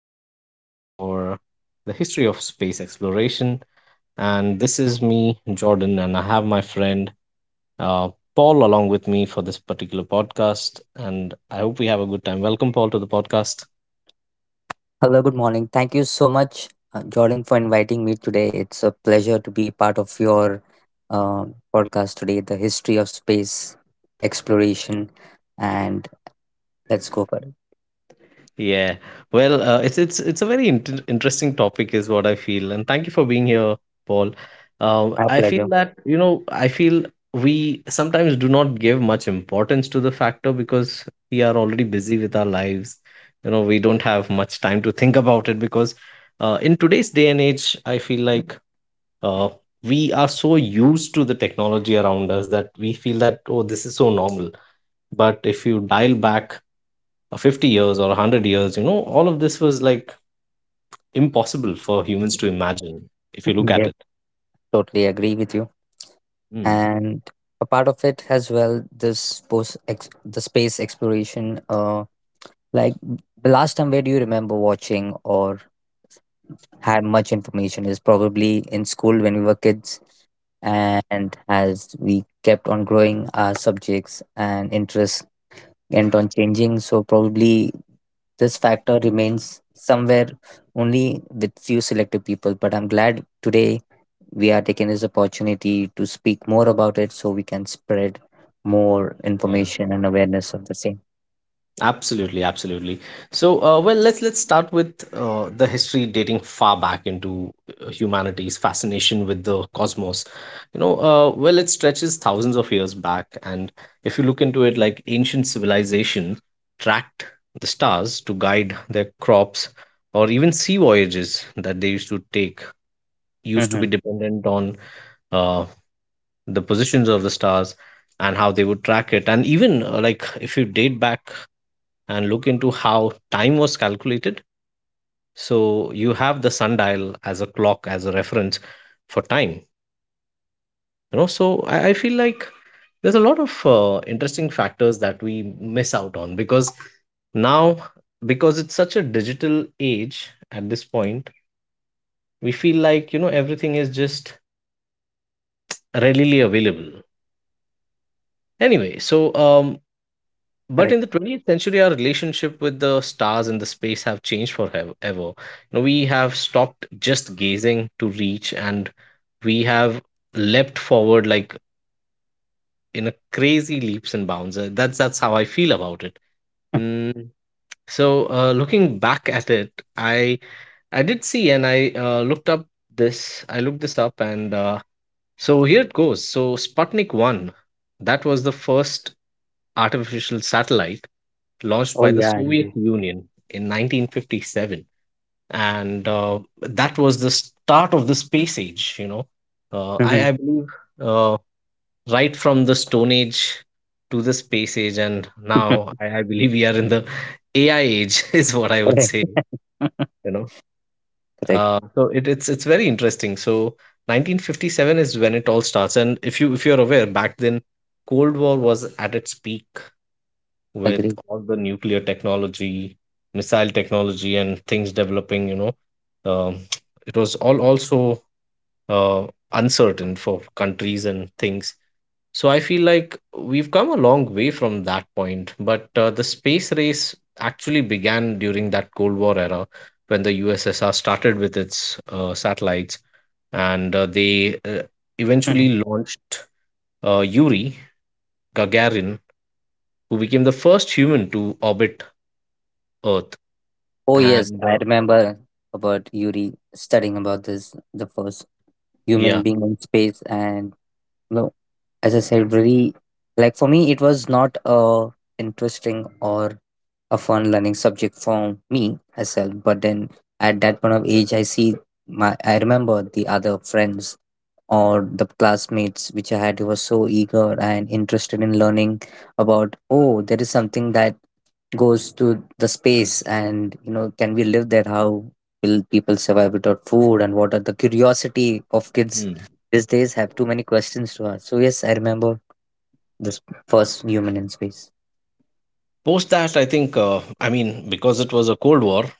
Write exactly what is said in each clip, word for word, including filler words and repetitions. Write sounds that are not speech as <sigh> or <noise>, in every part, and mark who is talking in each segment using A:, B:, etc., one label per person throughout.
A: podcast for the history of space exploration. And this is me, Jordan, and I have my friend uh, Paul along with me for this particular podcast. And I hope we have a good time. Welcome, Paul, to the podcast.
B: Hello, good morning. Thank you so much, uh, Jordan, for inviting me today. It's a pleasure to be part of your uh, podcast today, the history of space exploration. And let's go for it.
A: Yeah. Well, uh, it's it's it's a very inter interesting topic is what I feel. And thank you for being here, Paul. Um,
B: My
A: I feel
B: pleasure.
A: that, you know, I feel we sometimes do not give much importance to the factor because we are already busy with our lives. You know, we don't have much time to think about it because uh, in today's day and age, I feel like uh, we are so used to the technology around us that we feel that, oh, this is so normal. But if you dial back uh, 50 years or 100 years, you know, all of this was like impossible for humans to imagine if you look
B: <laughs>
A: at
B: Yes,
A: it.
B: totally agree with you.
A: Mm,
B: And a part of it as well, this post ex- the space exploration. Uh, like the last time, where do you remember watching or have much information is probably in school when we were kids, and as we kept on growing, our subjects and interests kept on changing, so probably this factor remains somewhere only with few selective people. But I'm glad today we are taking this opportunity to speak more about it so we can spread more
A: yeah,
B: information and awareness of the same.
A: absolutely, absolutely. So uh, well, let's let's start with uh, the history dating far back into uh, humanity's fascination with the cosmos. You know, uh, well, it stretches thousands of years back. And if you look into it, like ancient civilization tracked the stars to guide their crops, or even sea voyages that they used to take used to be
B: Hmm.
A: dependent on uh, the positions of the stars and how they would track it. And even uh, like if you date back and look into how time was calculated, so you have the sundial as a clock, as a reference for time, you know. So i, I feel like there's a lot of uh, interesting factors that we miss out on because now, because it's such a digital age at this point, we feel like, you know, everything is just readily available anyway. So um but in the
B: Correct.
A: twentieth century, our relationship with the stars and the space have changed forever. You know, we have stopped just gazing to reach, and we have leapt forward like in a crazy leaps and bounds. Uh, That's that's how I feel about it.
B: <laughs>
A: Mm, So uh, looking back at it, I I did see and I uh, looked up this. I looked this up, and uh, so here it goes. So Sputnik One, that was the first artificial satellite launched
B: Oh
A: by the
B: yeah,
A: Soviet
B: indeed.
A: Union in nineteen fifty-seven. And uh, that was the start of the space age, you know. Uh, I,
B: Mhm.
A: I believe uh, right from the Stone Age to the space age, and now
B: <laughs>
A: I, I believe we are in the A I age, <laughs> is what I would
B: Correct.
A: say,
B: <laughs>
A: you know.
B: Correct.
A: Uh, so it, it's it's very interesting. So nineteen fifty-seven is when it all starts, and if you if you're aware, back then Cold War was at its peak with
B: Agree.
A: all the nuclear technology, missile technology, and things developing, you know. um, it was all also uh, uncertain for countries and things. So I feel like we've come a long way from that point. But uh, the space race actually began during that Cold War era when the U S S R started with its uh, satellites. And uh, they uh, eventually
B: <laughs>
A: launched uh, Yuri Gagarin, who became the first human to orbit Earth.
B: Oh yes,
A: And
B: I
A: uh,
B: remember about Yuri studying about this, the first human
A: yeah.
B: being in space. And no, as I said, very like for me, it was not a interesting or a fun learning subject for me myself. But then at that point of age, I see my I remember the other friends or the classmates which I had who were so eager and interested in learning about. Oh, there is something that goes to the space, and you know, can we live there, how will people survive without food, and what are the curiosity of kids
A: hmm.
B: these days have too many questions to ask. So yes, I remember this first human in space.
A: Post that, I think, uh, I mean, because it was a cold war,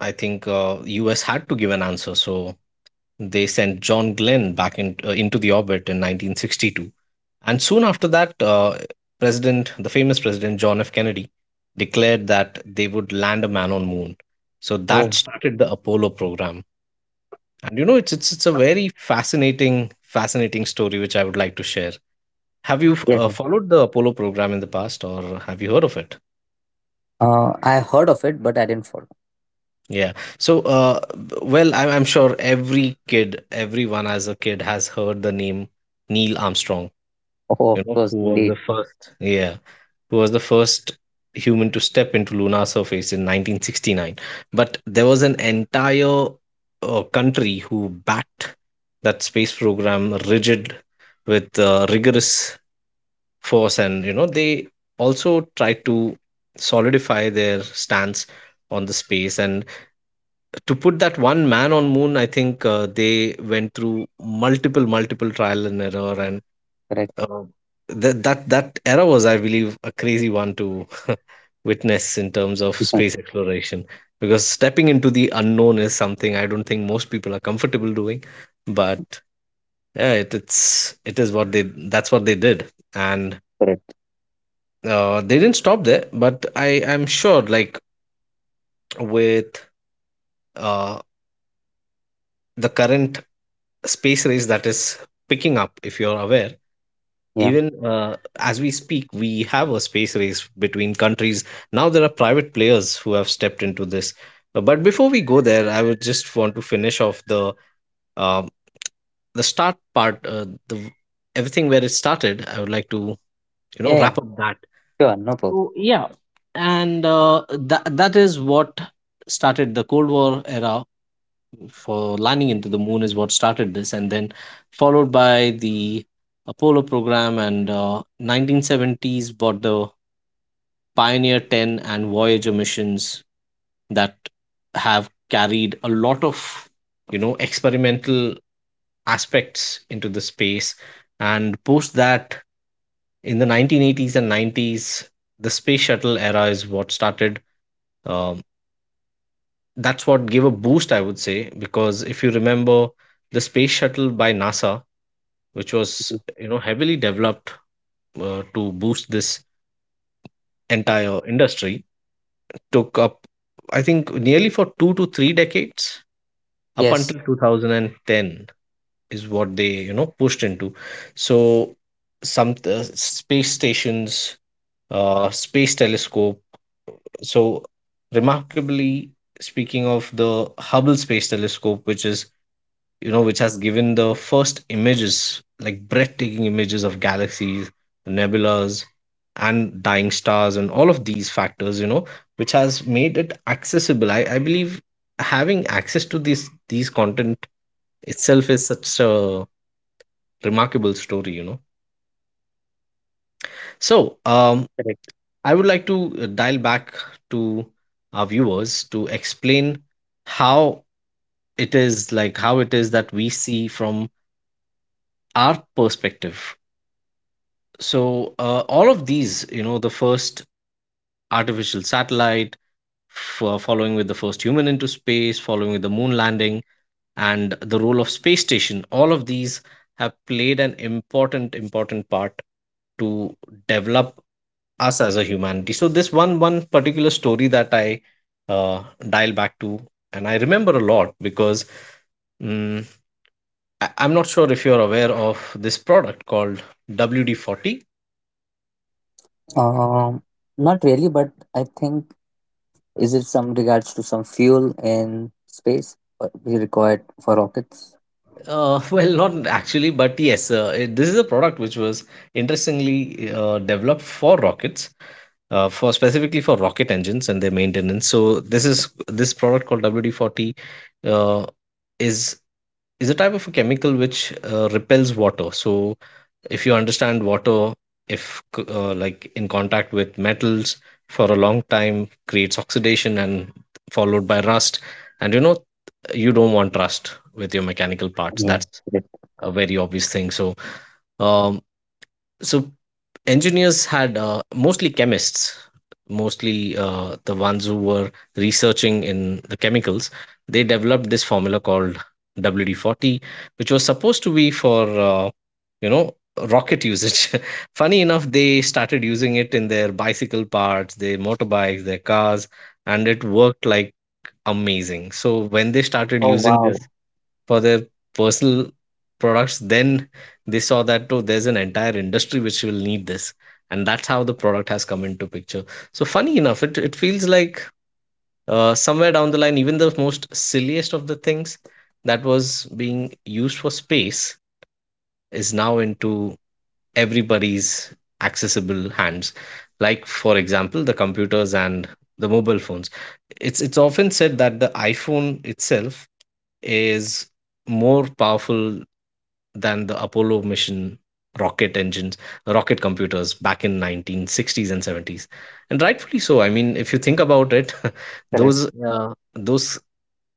A: I think uh, US had to give an answer. So they sent John Glenn back in, uh, into the orbit in nineteen sixty-two. And soon after that, uh, president the famous president John F. Kennedy declared that they would land a man on moon. So that
B: Oh
A: started the Apollo program. And you know, it's it's, it's a very fascinating fascinating story which I would like to share. Have you f-
B: yes,
A: uh,
B: yes.
A: followed the Apollo program in the past, or have you heard of it?
B: uh, I heard of it, but I didn't follow.
A: Yeah. So, uh, b- well, I'm, I'm sure every kid, everyone as a kid has heard the name Neil Armstrong,
B: Oh,
A: you
B: of
A: know,
B: course,
A: who was
B: indeed.
A: the first, yeah, who was the first human to step into lunar surface in nineteen sixty-nine. But there was an entire uh, country who backed that space program rigid with uh, rigorous force. And you know, they also try to solidify their stance on the space. And to put that one man on moon, I think uh, they went through multiple multiple trial and error. And
B: Correct.
A: uh, that that that era was, I believe, a crazy one to <laughs> witness in terms of
B: <laughs>
A: space exploration, because stepping into the unknown is something I don't think most people are comfortable doing. But yeah, it, it's it is what they that's what they did. And
B: Correct.
A: uh, they didn't stop there. But I am sure, like, with uh, the current space race that is picking up, if you're aware,
B: Yeah,
A: even uh, as we speak, we have a space race between countries. Now there are private players who have stepped into this. Uh, But before we go there, I would just want to finish off the um, the start part, uh, the everything where it started. I would like to, you know,
B: yeah, yeah,
A: wrap up that.
B: sure, no problem.
A: So yeah, and uh, that that is what started the Cold War era for landing into the moon is what started this. And then followed by the Apollo program. And uh, nineteen seventies brought the Pioneer ten and Voyager missions that have carried a lot of, you know, experimental aspects into the space. And post that, in the nineteen eighties and nineties, the space shuttle era is what started. um, that's what gave a boost, I would say, because if you remember the space shuttle by NASA, which was,
B: Mhm.
A: you know, heavily developed uh, to boost this entire industry, took up, I think, nearly for two to three decades, up
B: Yes.
A: until two thousand ten, is what they, you know, pushed into. So some uh, space stations, uh space telescope. So remarkably speaking of the Hubble Space Telescope, which is, you know, which has given the first images, like breathtaking images of galaxies, nebulas, and dying stars, and all of these factors, you know, which has made it accessible. i, I believe having access to this these content itself is such a remarkable story, you know. So um
B: Correct.
A: I would like to uh, dial back to our viewers to explain how it is, like how it is that we see from our perspective. So uh, all of these, you know, the first artificial satellite, f- uh, following with the first human into space, following with the moon landing, and the role of space station, all of these have played an important important part to develop us as a humanity. So this one one particular story that I uh, dial back to, and I remember a lot because mm I, I'm not sure if you're aware of this product called W D forty.
B: um Not really, but I think, is it some regards to some fuel in space, what we required for rockets?
A: Uh, <laughs> well, not actually, but yes, uh, it, this is a product which was interestingly uh, developed for rockets. Uh, for specifically for rocket engines and their maintenance. So this is this product called W D forty, uh, is is a type of a chemical which uh, repels water. So if you understand water, if c- uh, like in contact with metals for a long time, creates oxidation, and followed by rust. And you know, you don't want rust with your mechanical parts,
B: Yeah,
A: that's
B: correct.
A: a very obvious thing. So um so engineers had, uh, mostly chemists, mostly uh, the ones who were researching in the chemicals, they developed this formula called W D forty, which was supposed to be for uh, you know, rocket usage. <laughs> Funny enough, they started using it in their bicycle parts, their motorbikes, their cars, and it worked like amazing. So when they started
B: Oh
A: using this
B: wow.
A: for their personal products, then they saw that, oh, there's an entire industry which will need this. And that's how the product has come into picture. So funny enough, it, it feels like uh, somewhere down the line, even the most silliest of the things that was being used for space is now into everybody's accessible hands. Like for example, the computers and the mobile phones. It's it's often said that the iPhone itself is more powerful than the Apollo mission rocket engines, rocket computers back in nineteen sixties and seventies. And rightfully so. I mean, if you think about it, <laughs> those
B: Correct.
A: uh, those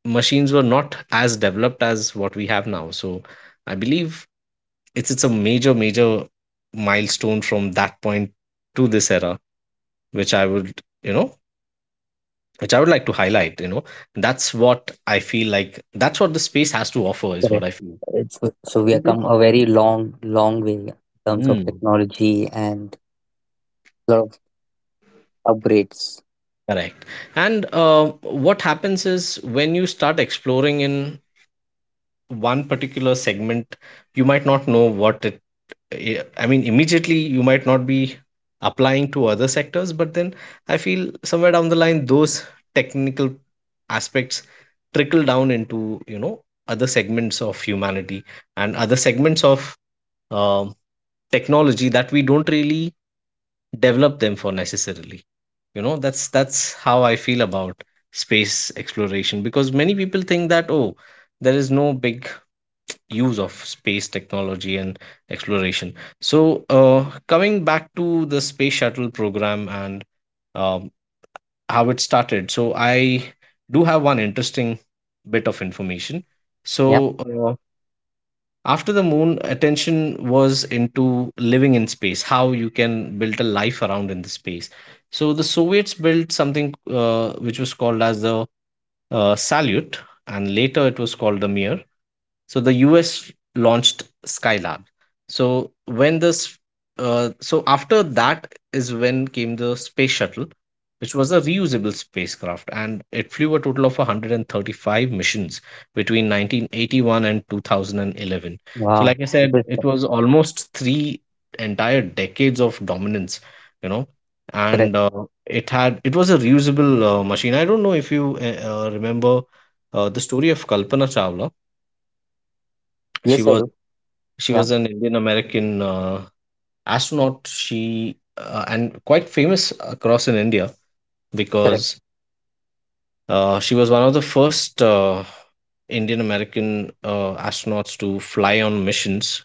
A: machines were not as developed as what we have now. So I believe it's it's a major major milestone from that point to this era, which I would, you know, which I would like to highlight. You know, that's what I feel like. That's what the space has to offer, is what
B: Correct.
A: I feel.
B: It's
A: Uh,
B: so we have
A: It
B: come a very long, long way in terms of
A: is.
B: technology and lot of upgrades.
A: Correct. And uh, what happens is when you start exploring in one particular segment, you might not know what it, I I mean, immediately you might not be applying to other sectors, but then I feel somewhere down the line, those technical aspects trickle down into, you know, other segments of humanity and other segments of um, technology that we don't really develop them for necessarily. You know that's that's how I feel about space exploration, because many people think that, oh, there is no big use of space technology and exploration. So uh, coming back to the space shuttle program and um, how it started, so i do have one interesting bit of information.
B: Yeah.
A: So uh, after the moon, attention was into living in space, how you can build a life around in the space. So the Soviets built something, uh, which was called as the uh, Salyut, and later it was called the Mir. So the U S launched Skylab. So when this, uh, so after that is when came the space shuttle, which was a reusable spacecraft, and it flew a total of one hundred thirty-five missions between nineteen eighty-one and two thousand eleven. So
B: Wow.
A: like I said,
B: Interesting.
A: it was almost three entire decades of dominance, you know,
B: Correct.
A: and uh, it had it was a reusable uh, machine. I don't know if you uh, uh, remember uh, the story of Kalpana Chawla. She
B: Yes, I
A: was
B: do.
A: she
B: Yeah.
A: was an Indian American uh, astronaut. She uh, And quite famous across in India, because
B: Correct.
A: uh, she was one of the first uh, Indian American uh, astronauts to fly on missions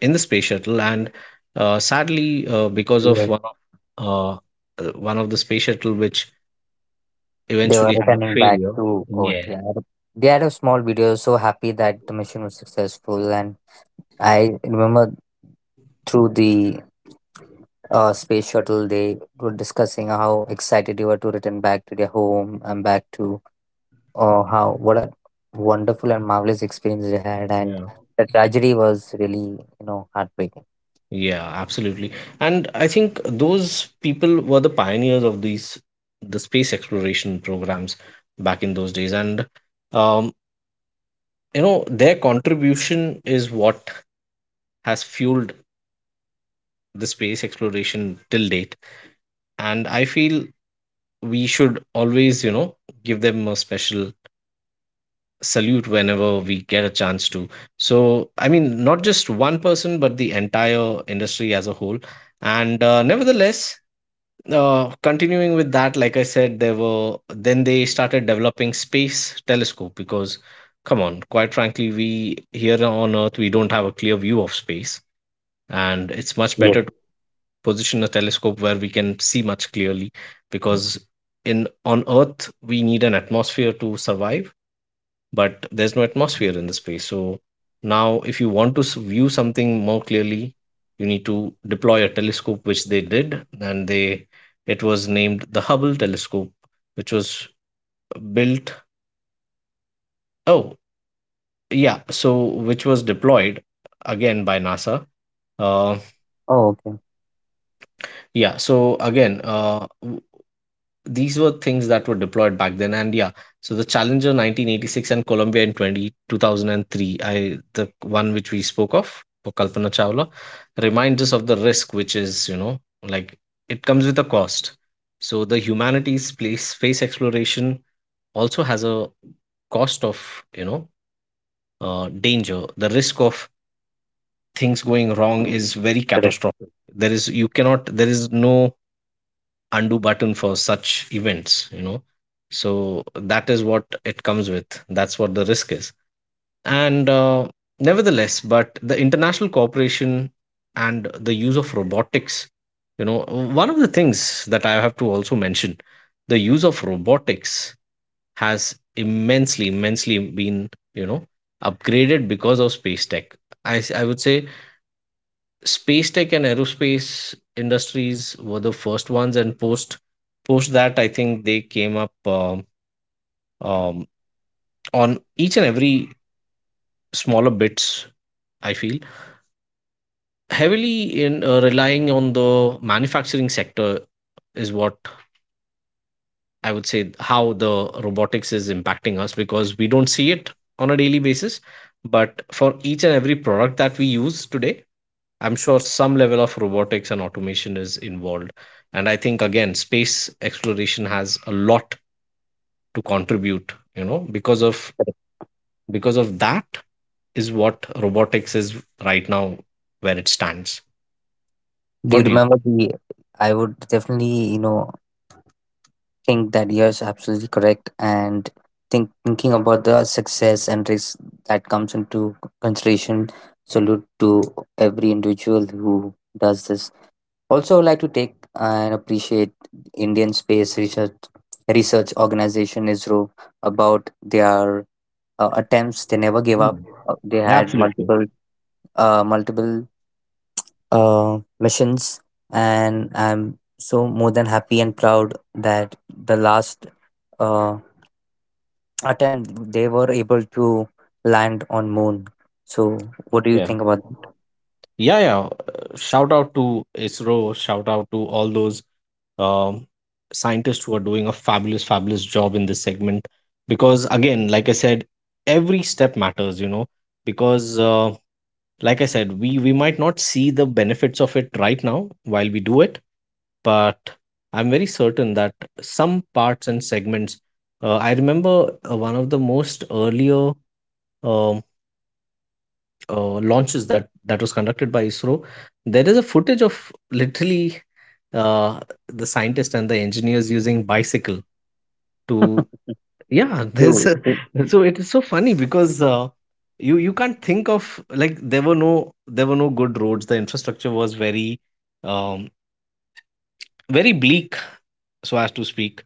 A: in the space shuttle. And uh, sadly, uh, because of
B: Yes.
A: one of uh, uh, one of the space shuttle which
B: They were
A: eventually had a
B: returning back
A: failure.
B: to Earth.
A: Yeah.
B: Yeah. They had a small video, so happy that the mission was successful. And I remember through the uh, space shuttle, they were discussing how excited they were to return back to their home and back to. Oh, how what a wonderful and marvelous experience you had, and
A: Yeah.
B: the tragedy was really, you know, heartbreaking.
A: Yeah, absolutely. And I think those people were the pioneers of these the space exploration programs back in those days. And um, you know, their contribution is what has fueled the space exploration till date. And I feel we should always, you know, give them a special salute whenever we get a chance to. So, I mean, not just one person, but the entire industry as a whole. And uh, nevertheless, uh, continuing with that, like I said, there were then they started developing space telescope, because, come on, quite frankly, we here on Earth we don't have a clear view of space, and it's much
B: Yes.
A: better to position a telescope where we can see much clearly. Because in on Earth we need an atmosphere to survive, but there's no atmosphere in the space. So now if you want to s- view something more clearly, you need to deploy a telescope, which they did, and they it was named the Hubble telescope, which was built, oh, yeah, so which was deployed again by NASA. uh
B: Oh, okay.
A: yeah, so again uh w- these were things that were deployed back then. And yeah, so the Challenger nineteen eighty-six and Columbia in twenty two thousand and three, I the one which we spoke of for Kalpana Chawla, reminds us of the risk, which is, you know like, it comes with a cost. So the humanities place space exploration also has a cost of, you know uh, danger, the risk of things going wrong is very
B: Correct.
A: catastrophic. There is you cannot, there is no undo button for such events, you know so that is what it comes with, that's what the risk is. And uh, nevertheless, but the international cooperation and the use of robotics, you know, one of the things that I have to also mention, the use of robotics has immensely immensely been, you know upgraded because of space tech. I s- i would say space tech and aerospace industries were the first ones, and post post that I think they came up um, um, on each and every smaller bits, I feel, heavily in uh, relying on the manufacturing sector, is what I would say, how the robotics is impacting us, because we don't see it on a daily basis. But for each and every product that we use today, I'm sure some level of robotics and automation is involved. And I think again, space exploration has a lot to contribute, you know, because of
B: Correct.
A: because of that is what robotics is right now, where it stands.
B: Do you
A: What do you
B: remember
A: think?
B: the? I would definitely, you know, think that yes, absolutely correct, and think thinking about the success and risk that comes into consideration. Salute to every individual who does this. Also, I would like to take and appreciate Indian Space Research Research Organization I S R O about their uh, attempts. They never gave up.
A: Mm,
B: Uh, They had
A: absolutely.
B: multiple uh, multiple uh, missions, and I'm so more than happy and proud that the last uh, attempt they were able to land on Moon. So, what do you
A: Yeah.
B: think about that?
A: Yeah, yeah. uh, Shout out to ISRO, shout out to all those um, scientists who are doing a fabulous, fabulous job in this segment. Because again, like I said, every step matters, you know, because uh, like I said, we we might not see the benefits of it right now while we do it, but I'm very certain that some parts and segments, uh, I remember uh, one of the most earlier um, uh, launches that that was conducted by ISRO. There is a footage of literally uh, the scientists and the engineers using bicycle to,
B: <laughs>
A: yeah. <laughs> There's
B: True,
A: a,
B: true.
A: so it is so funny, because uh, you you can't think of, like, there were no there were no good roads, the infrastructure was very um very bleak, so as to speak.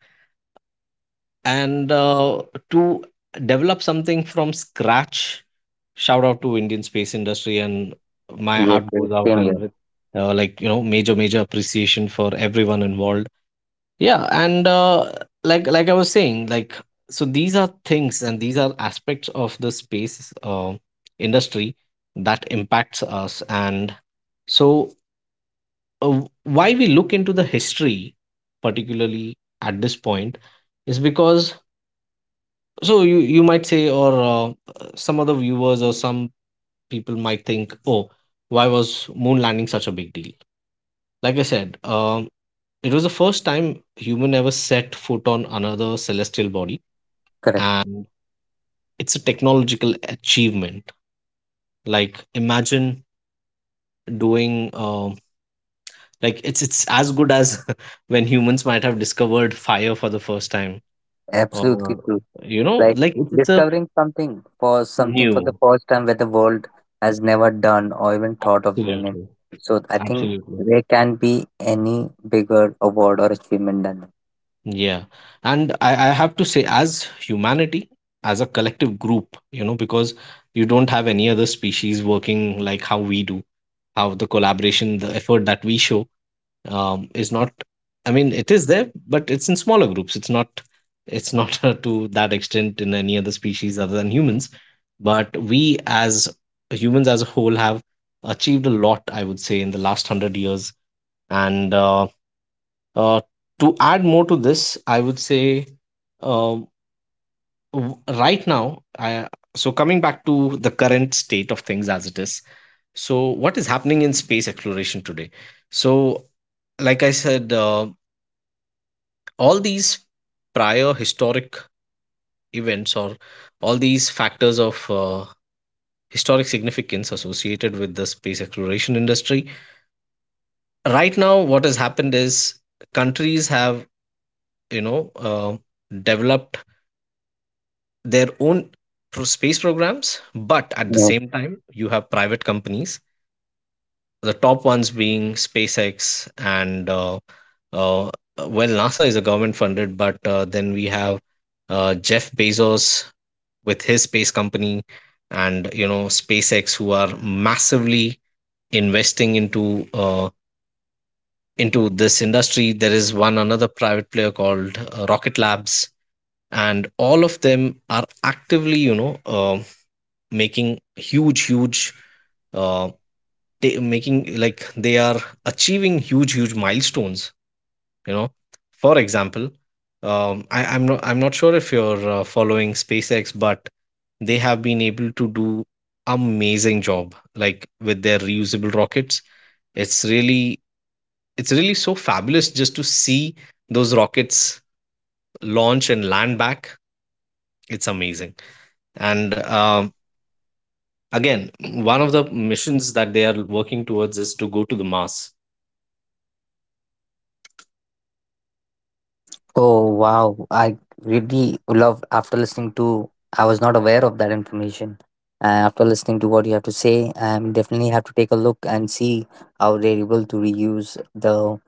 A: And uh, to develop something from scratch, shout out to Indian space industry, and my
B: Yes,
A: heart
B: yes,
A: goes out
B: same
A: and
B: here.
A: with, uh, like, you know major major appreciation for everyone involved. Yeah. And uh, like like I was saying, like, so these are things and these are aspects of the space uh, industry that impacts us. And so, uh, why we look into the history particularly at this point is because, so you you might say, or uh, uh, some other viewers or some people might think, oh, why was moon landing such a big deal. Like I said, um, it was the first time human ever set foot on another celestial body,
B: Correct.
A: and it's a technological achievement. Like, imagine doing um like, it's it's as good as <laughs> when humans might have discovered fire for the first time,
B: Absolutely
A: or
B: true.
A: you know
B: Like
A: like it's, it's a
B: discovering something for something for the
A: new.
B: first time where the world has never done or even thought of doing it.
A: Absolutely.
B: So I think
A: Absolutely.
B: there can be any bigger award or achievement than that.
A: Yeah. And I, I have to say, as humanity, as a collective group, you know, because you don't have any other species working like how we do, how the collaboration, the effort that we show, um, is not, I mean, it is there, but it's in smaller groups, it's not it's not <laughs> to that extent in any other species other than humans. But we as humans as a whole have achieved a lot, I would say, in the last one hundred years. And uh, uh, to add more to this, I would say, um, w- right now I, so coming back to the current state of things as it is, so what is happening in space exploration today. So like I said, uh, all these prior historic events or all these factors of uh, historic significance associated with the space exploration industry, right now what has happened is countries have, you know uh, developed their own pro- space programs. But at the
B: Yeah.
A: same time you have private companies, the top ones being SpaceX, and uh, uh, well, NASA is a government funded, but uh, then we have uh, Jeff Bezos with his space company. And you know, SpaceX, who are massively investing into uh, into this industry. There is one another private player called, uh, Rocket Labs, and all of them are actively, you know uh, making huge huge, uh, they making like they are achieving huge huge milestones, you know, for example. Um, I, i'm not i'm not sure if you're uh, following SpaceX, but they have been able to do amazing job, like, with their reusable rockets. it's really it's really so fabulous just to see those rockets launch and land back, it's amazing. And um, again, one of the missions that they are working towards is to go to the Mars.
B: Oh wow! I really loved after listening to. I was not aware of that information. Uh, after listening to what you have to say, I definitely have to take a look and see how they're able to reuse the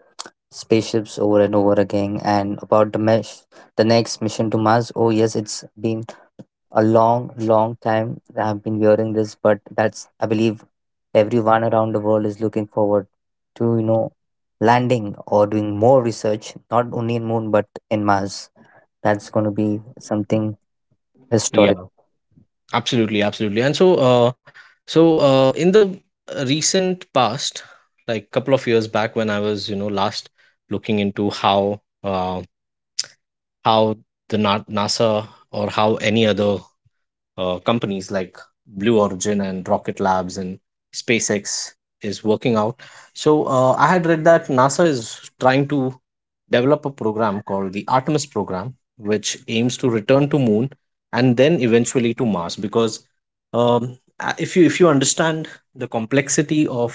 B: spaceships over and over again. And about the mesh, the next mission to Mars. Oh yes, it's been a long, long time I've been hearing this, but that's I believe everyone around the world is looking forward to, you know, landing or doing more research, not only in moon but in Mars. That's gonna be something historic.
A: Yeah, absolutely, absolutely. And so, uh, so uh, in the recent past, like couple of years back, when I was, you know, last looking into how uh, how the Na- NASA or how any other uh, companies like Blue Origin and Rocket Labs and SpaceX is working out. So uh, I had read that NASA is trying to develop a program called the Artemis program, which aims to return to Moon and then eventually to Mars. Because um, a- if you if you understand the complexity of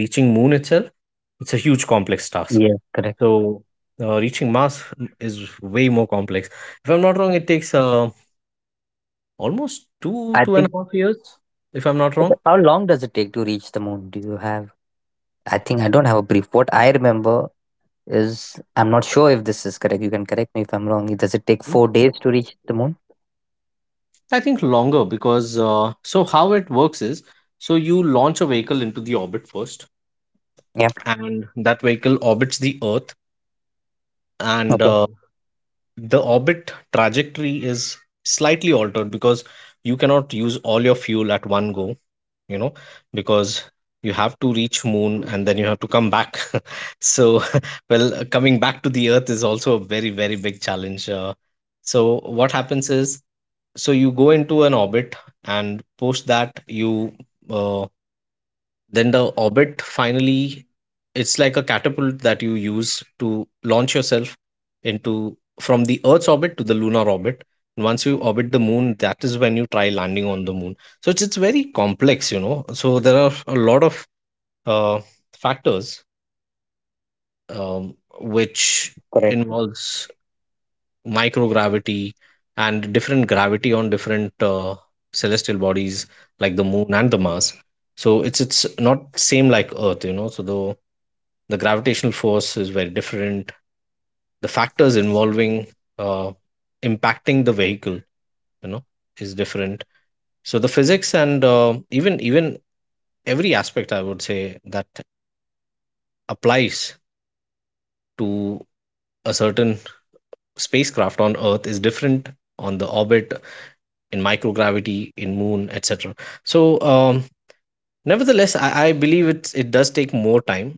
A: reaching Moon itself, it's a huge complex task.
B: Yeah, correct.
A: So uh, reaching Mars is way more complex. If I'm not wrong, it takes uh, almost two,
B: I
A: two and
B: think
A: a half years, if I'm not wrong.
B: how long does it take to reach the moon? Do you have, I think, I don't have a brief. What I remember is, I'm not sure if this is correct. You can correct me if I'm wrong. Does it take four days to reach the moon?
A: I think longer because uh, so how it works is, so you launch a vehicle into the orbit first,
B: Yeah.
A: and that vehicle orbits the Earth, and
B: Okay.
A: uh, the orbit trajectory is slightly altered because you cannot use all your fuel at one go, you know, because you have to reach moon and then you have to come back. <laughs> So, <laughs> well, coming back to the Earth is also a very, very big challenge. Uh, so what happens is so you go into an orbit and post that you uh, then the orbit finally it's like a catapult that you use to launch yourself into from the earth's orbit to the lunar orbit, and once you orbit the moon, that is when you try landing on the moon. So it's it's very complex, you know, so there are a lot of uh, factors, um, which
B: Mm. Correct.
A: involves microgravity and different gravity on different uh, celestial bodies like the moon and the mars. So it's it's not same like earth, you know, so the the gravitational force is very different, the factors involving uh, impacting the vehicle, you know, is different. So the physics and uh, even even every aspect I would say that applies to a certain spacecraft on earth is different on the orbit, in microgravity, in moon, etc. So um, nevertheless I, I believe it's it does take more time,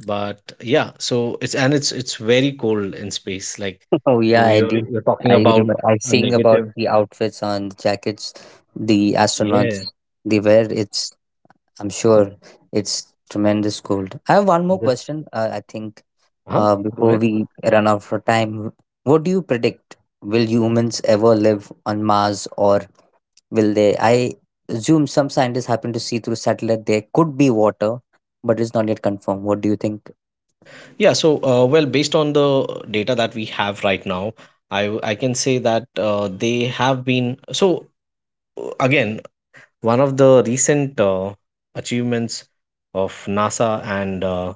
A: but yeah, so it's and it's it's very cold in space, like
B: Oh
A: you
B: yeah, I
A: you're
B: do.
A: you're talking
B: I
A: about
B: remember. I
A: a
B: sing about
A: negative.
B: the outfits on the jackets the astronauts
A: Yeah.
B: they wear. It's, I'm sure, it's tremendous cold. I have one
A: and
B: more
A: that-
B: question. Uh, I think
A: huh?
B: uh,
A: Go
B: before
A: ahead.
B: we run out of time, what do you predict? Will humans ever live on Mars, or will they? I assume some scientists happen to see through satellite there could be water, but it's not yet confirmed. What do you think?
A: Yeah, so uh, well, based on the data that we have right now, i w- I can say that uh, they have been, so uh, again, one of the recent uh, achievements of nasa and uh,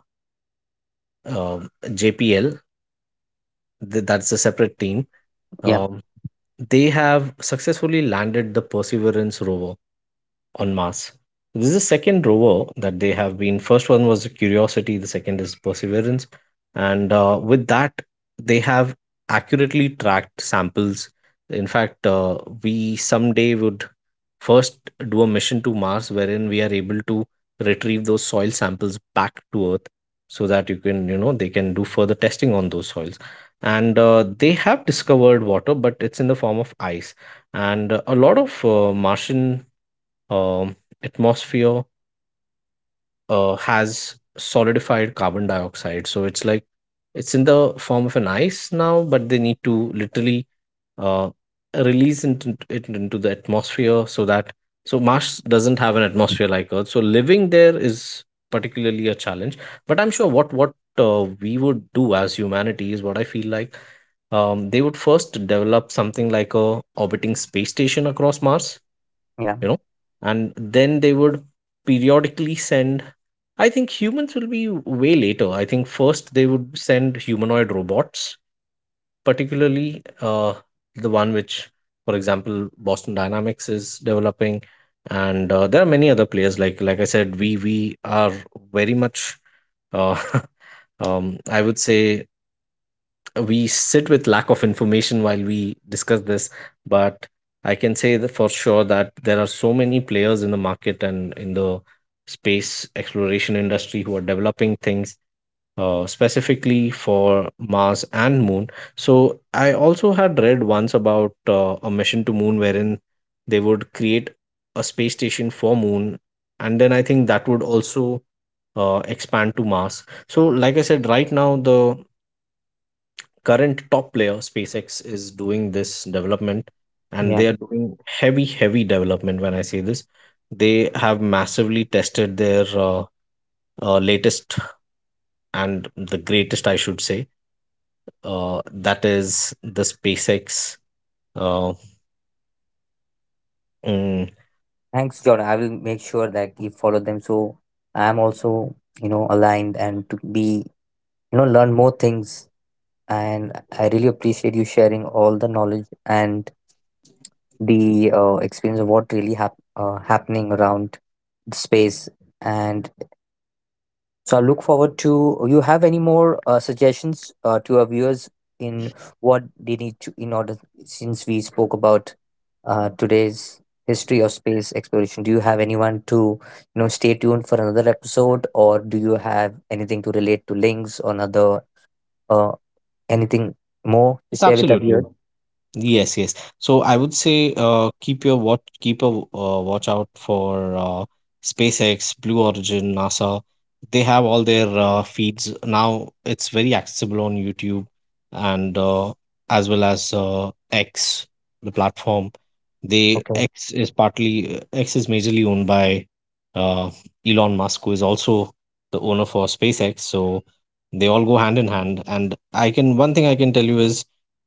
A: uh, jpl, th- that's a separate team.
B: Yeah,
A: Um, they have successfully landed the Perseverance rover on Mars. This is the second rover that they have been. First one was Curiosity, the second is Perseverance, and uh, with that they have accurately tracked samples. In fact, uh, we someday would first do a mission to Mars wherein we are able to retrieve those soil samples back to Earth, so that you can, you know, they can do further testing on those soils. And uh, they have discovered water, but it's in the form of ice. And uh, a lot of uh, martian um, atmosphere uh, has solidified carbon dioxide, so it's like it's in the form of an ice now, but they need to literally uh, release it, int- it into the atmosphere so that, so mars doesn't have an atmosphere like earth, so living there is particularly a challenge. But I'm sure what what uh, we would do as humanity is what I feel like, um, they would first develop something like a orbiting space station across mars,
B: yeah,
A: you know, and then they would periodically send, I think humans will be way later, I think first they would send humanoid robots, particularly uh, the one which, for example, Boston Dynamics is developing. And uh, there are many other players. Like like I said, we we are very much, uh, <laughs> um, I would say, we sit with lack of information while we discuss this, but I can say that for sure that there are so many players in the market and in the space exploration industry who are developing things uh, specifically for Mars and Moon. So I also had read once about uh, a mission to Moon wherein they would create a space station for Moon, and then I think that would also uh, expand to Mars. So, like I said, right now the current top player SpaceX is doing this development, and
B: yeah.
A: they are doing heavy, heavy development. When I say this, they have massively tested their uh, uh, latest and the greatest, I should say, uh, that is the SpaceX uh, mm,
B: Thanks, Jordan. I will make sure that you follow them so I'm also, you know, aligned and to be, you know, learn more things. And I really appreciate you sharing all the knowledge and the uh, experience of what really hap- uh, happening around the space. And so I look forward to you have any more uh, suggestions uh, to our viewers in what they need to in order, since we spoke about uh, today's history of space exploration. Do you have anyone to, you know, stay tuned for another episode, or do you have anything to relate to links or another uh, anything more to
A: Yes,
B: share with our viewers?
A: absolutely. Yes, yes. So I would say uh, keep your watch, keep a w- uh, watch out for uh, SpaceX, Blue Origin, NASA. They have all their uh, feeds now. It's very accessible on YouTube and uh, as well as uh, X, the platform. They
B: Okay.
A: X is partly X is majorly owned by uh, Elon Musk, who is also the owner for SpaceX. So they all go hand in hand. And I can, one thing I can tell you is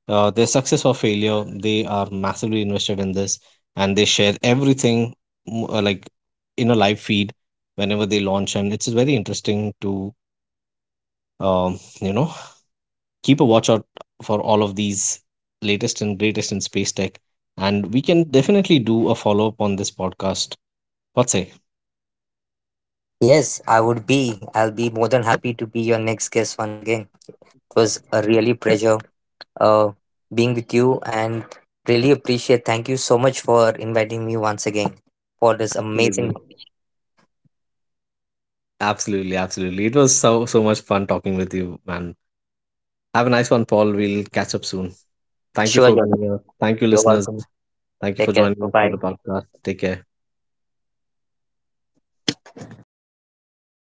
A: uh, their success or failure, they are massively invested in this and they share everything, mm, uh, like in a live feed whenever they launch. And it's very interesting to, um, you know, keep a watch out for all of these latest and greatest in space tech. And we can definitely do a follow up on this podcast. What say?
B: Yes, I would be. I'll be more than happy to be your next guest once again. It was a really pleasure uh, being with you and really appreciate. Thank you so much for inviting me once again for this amazing.
A: Absolutely. absolutely absolutely It was so so much fun talking with you, man. Have a nice one, paul. We'll catch up soon. Thank you
B: Sure,
A: for
B: Jordan.
A: being here. Thank you,
B: You're
A: listeners.
B: welcome.
A: Thank you for
B: Take care.
A: joining
B: Bye
A: us for the
B: bye.
A: podcast. Take care.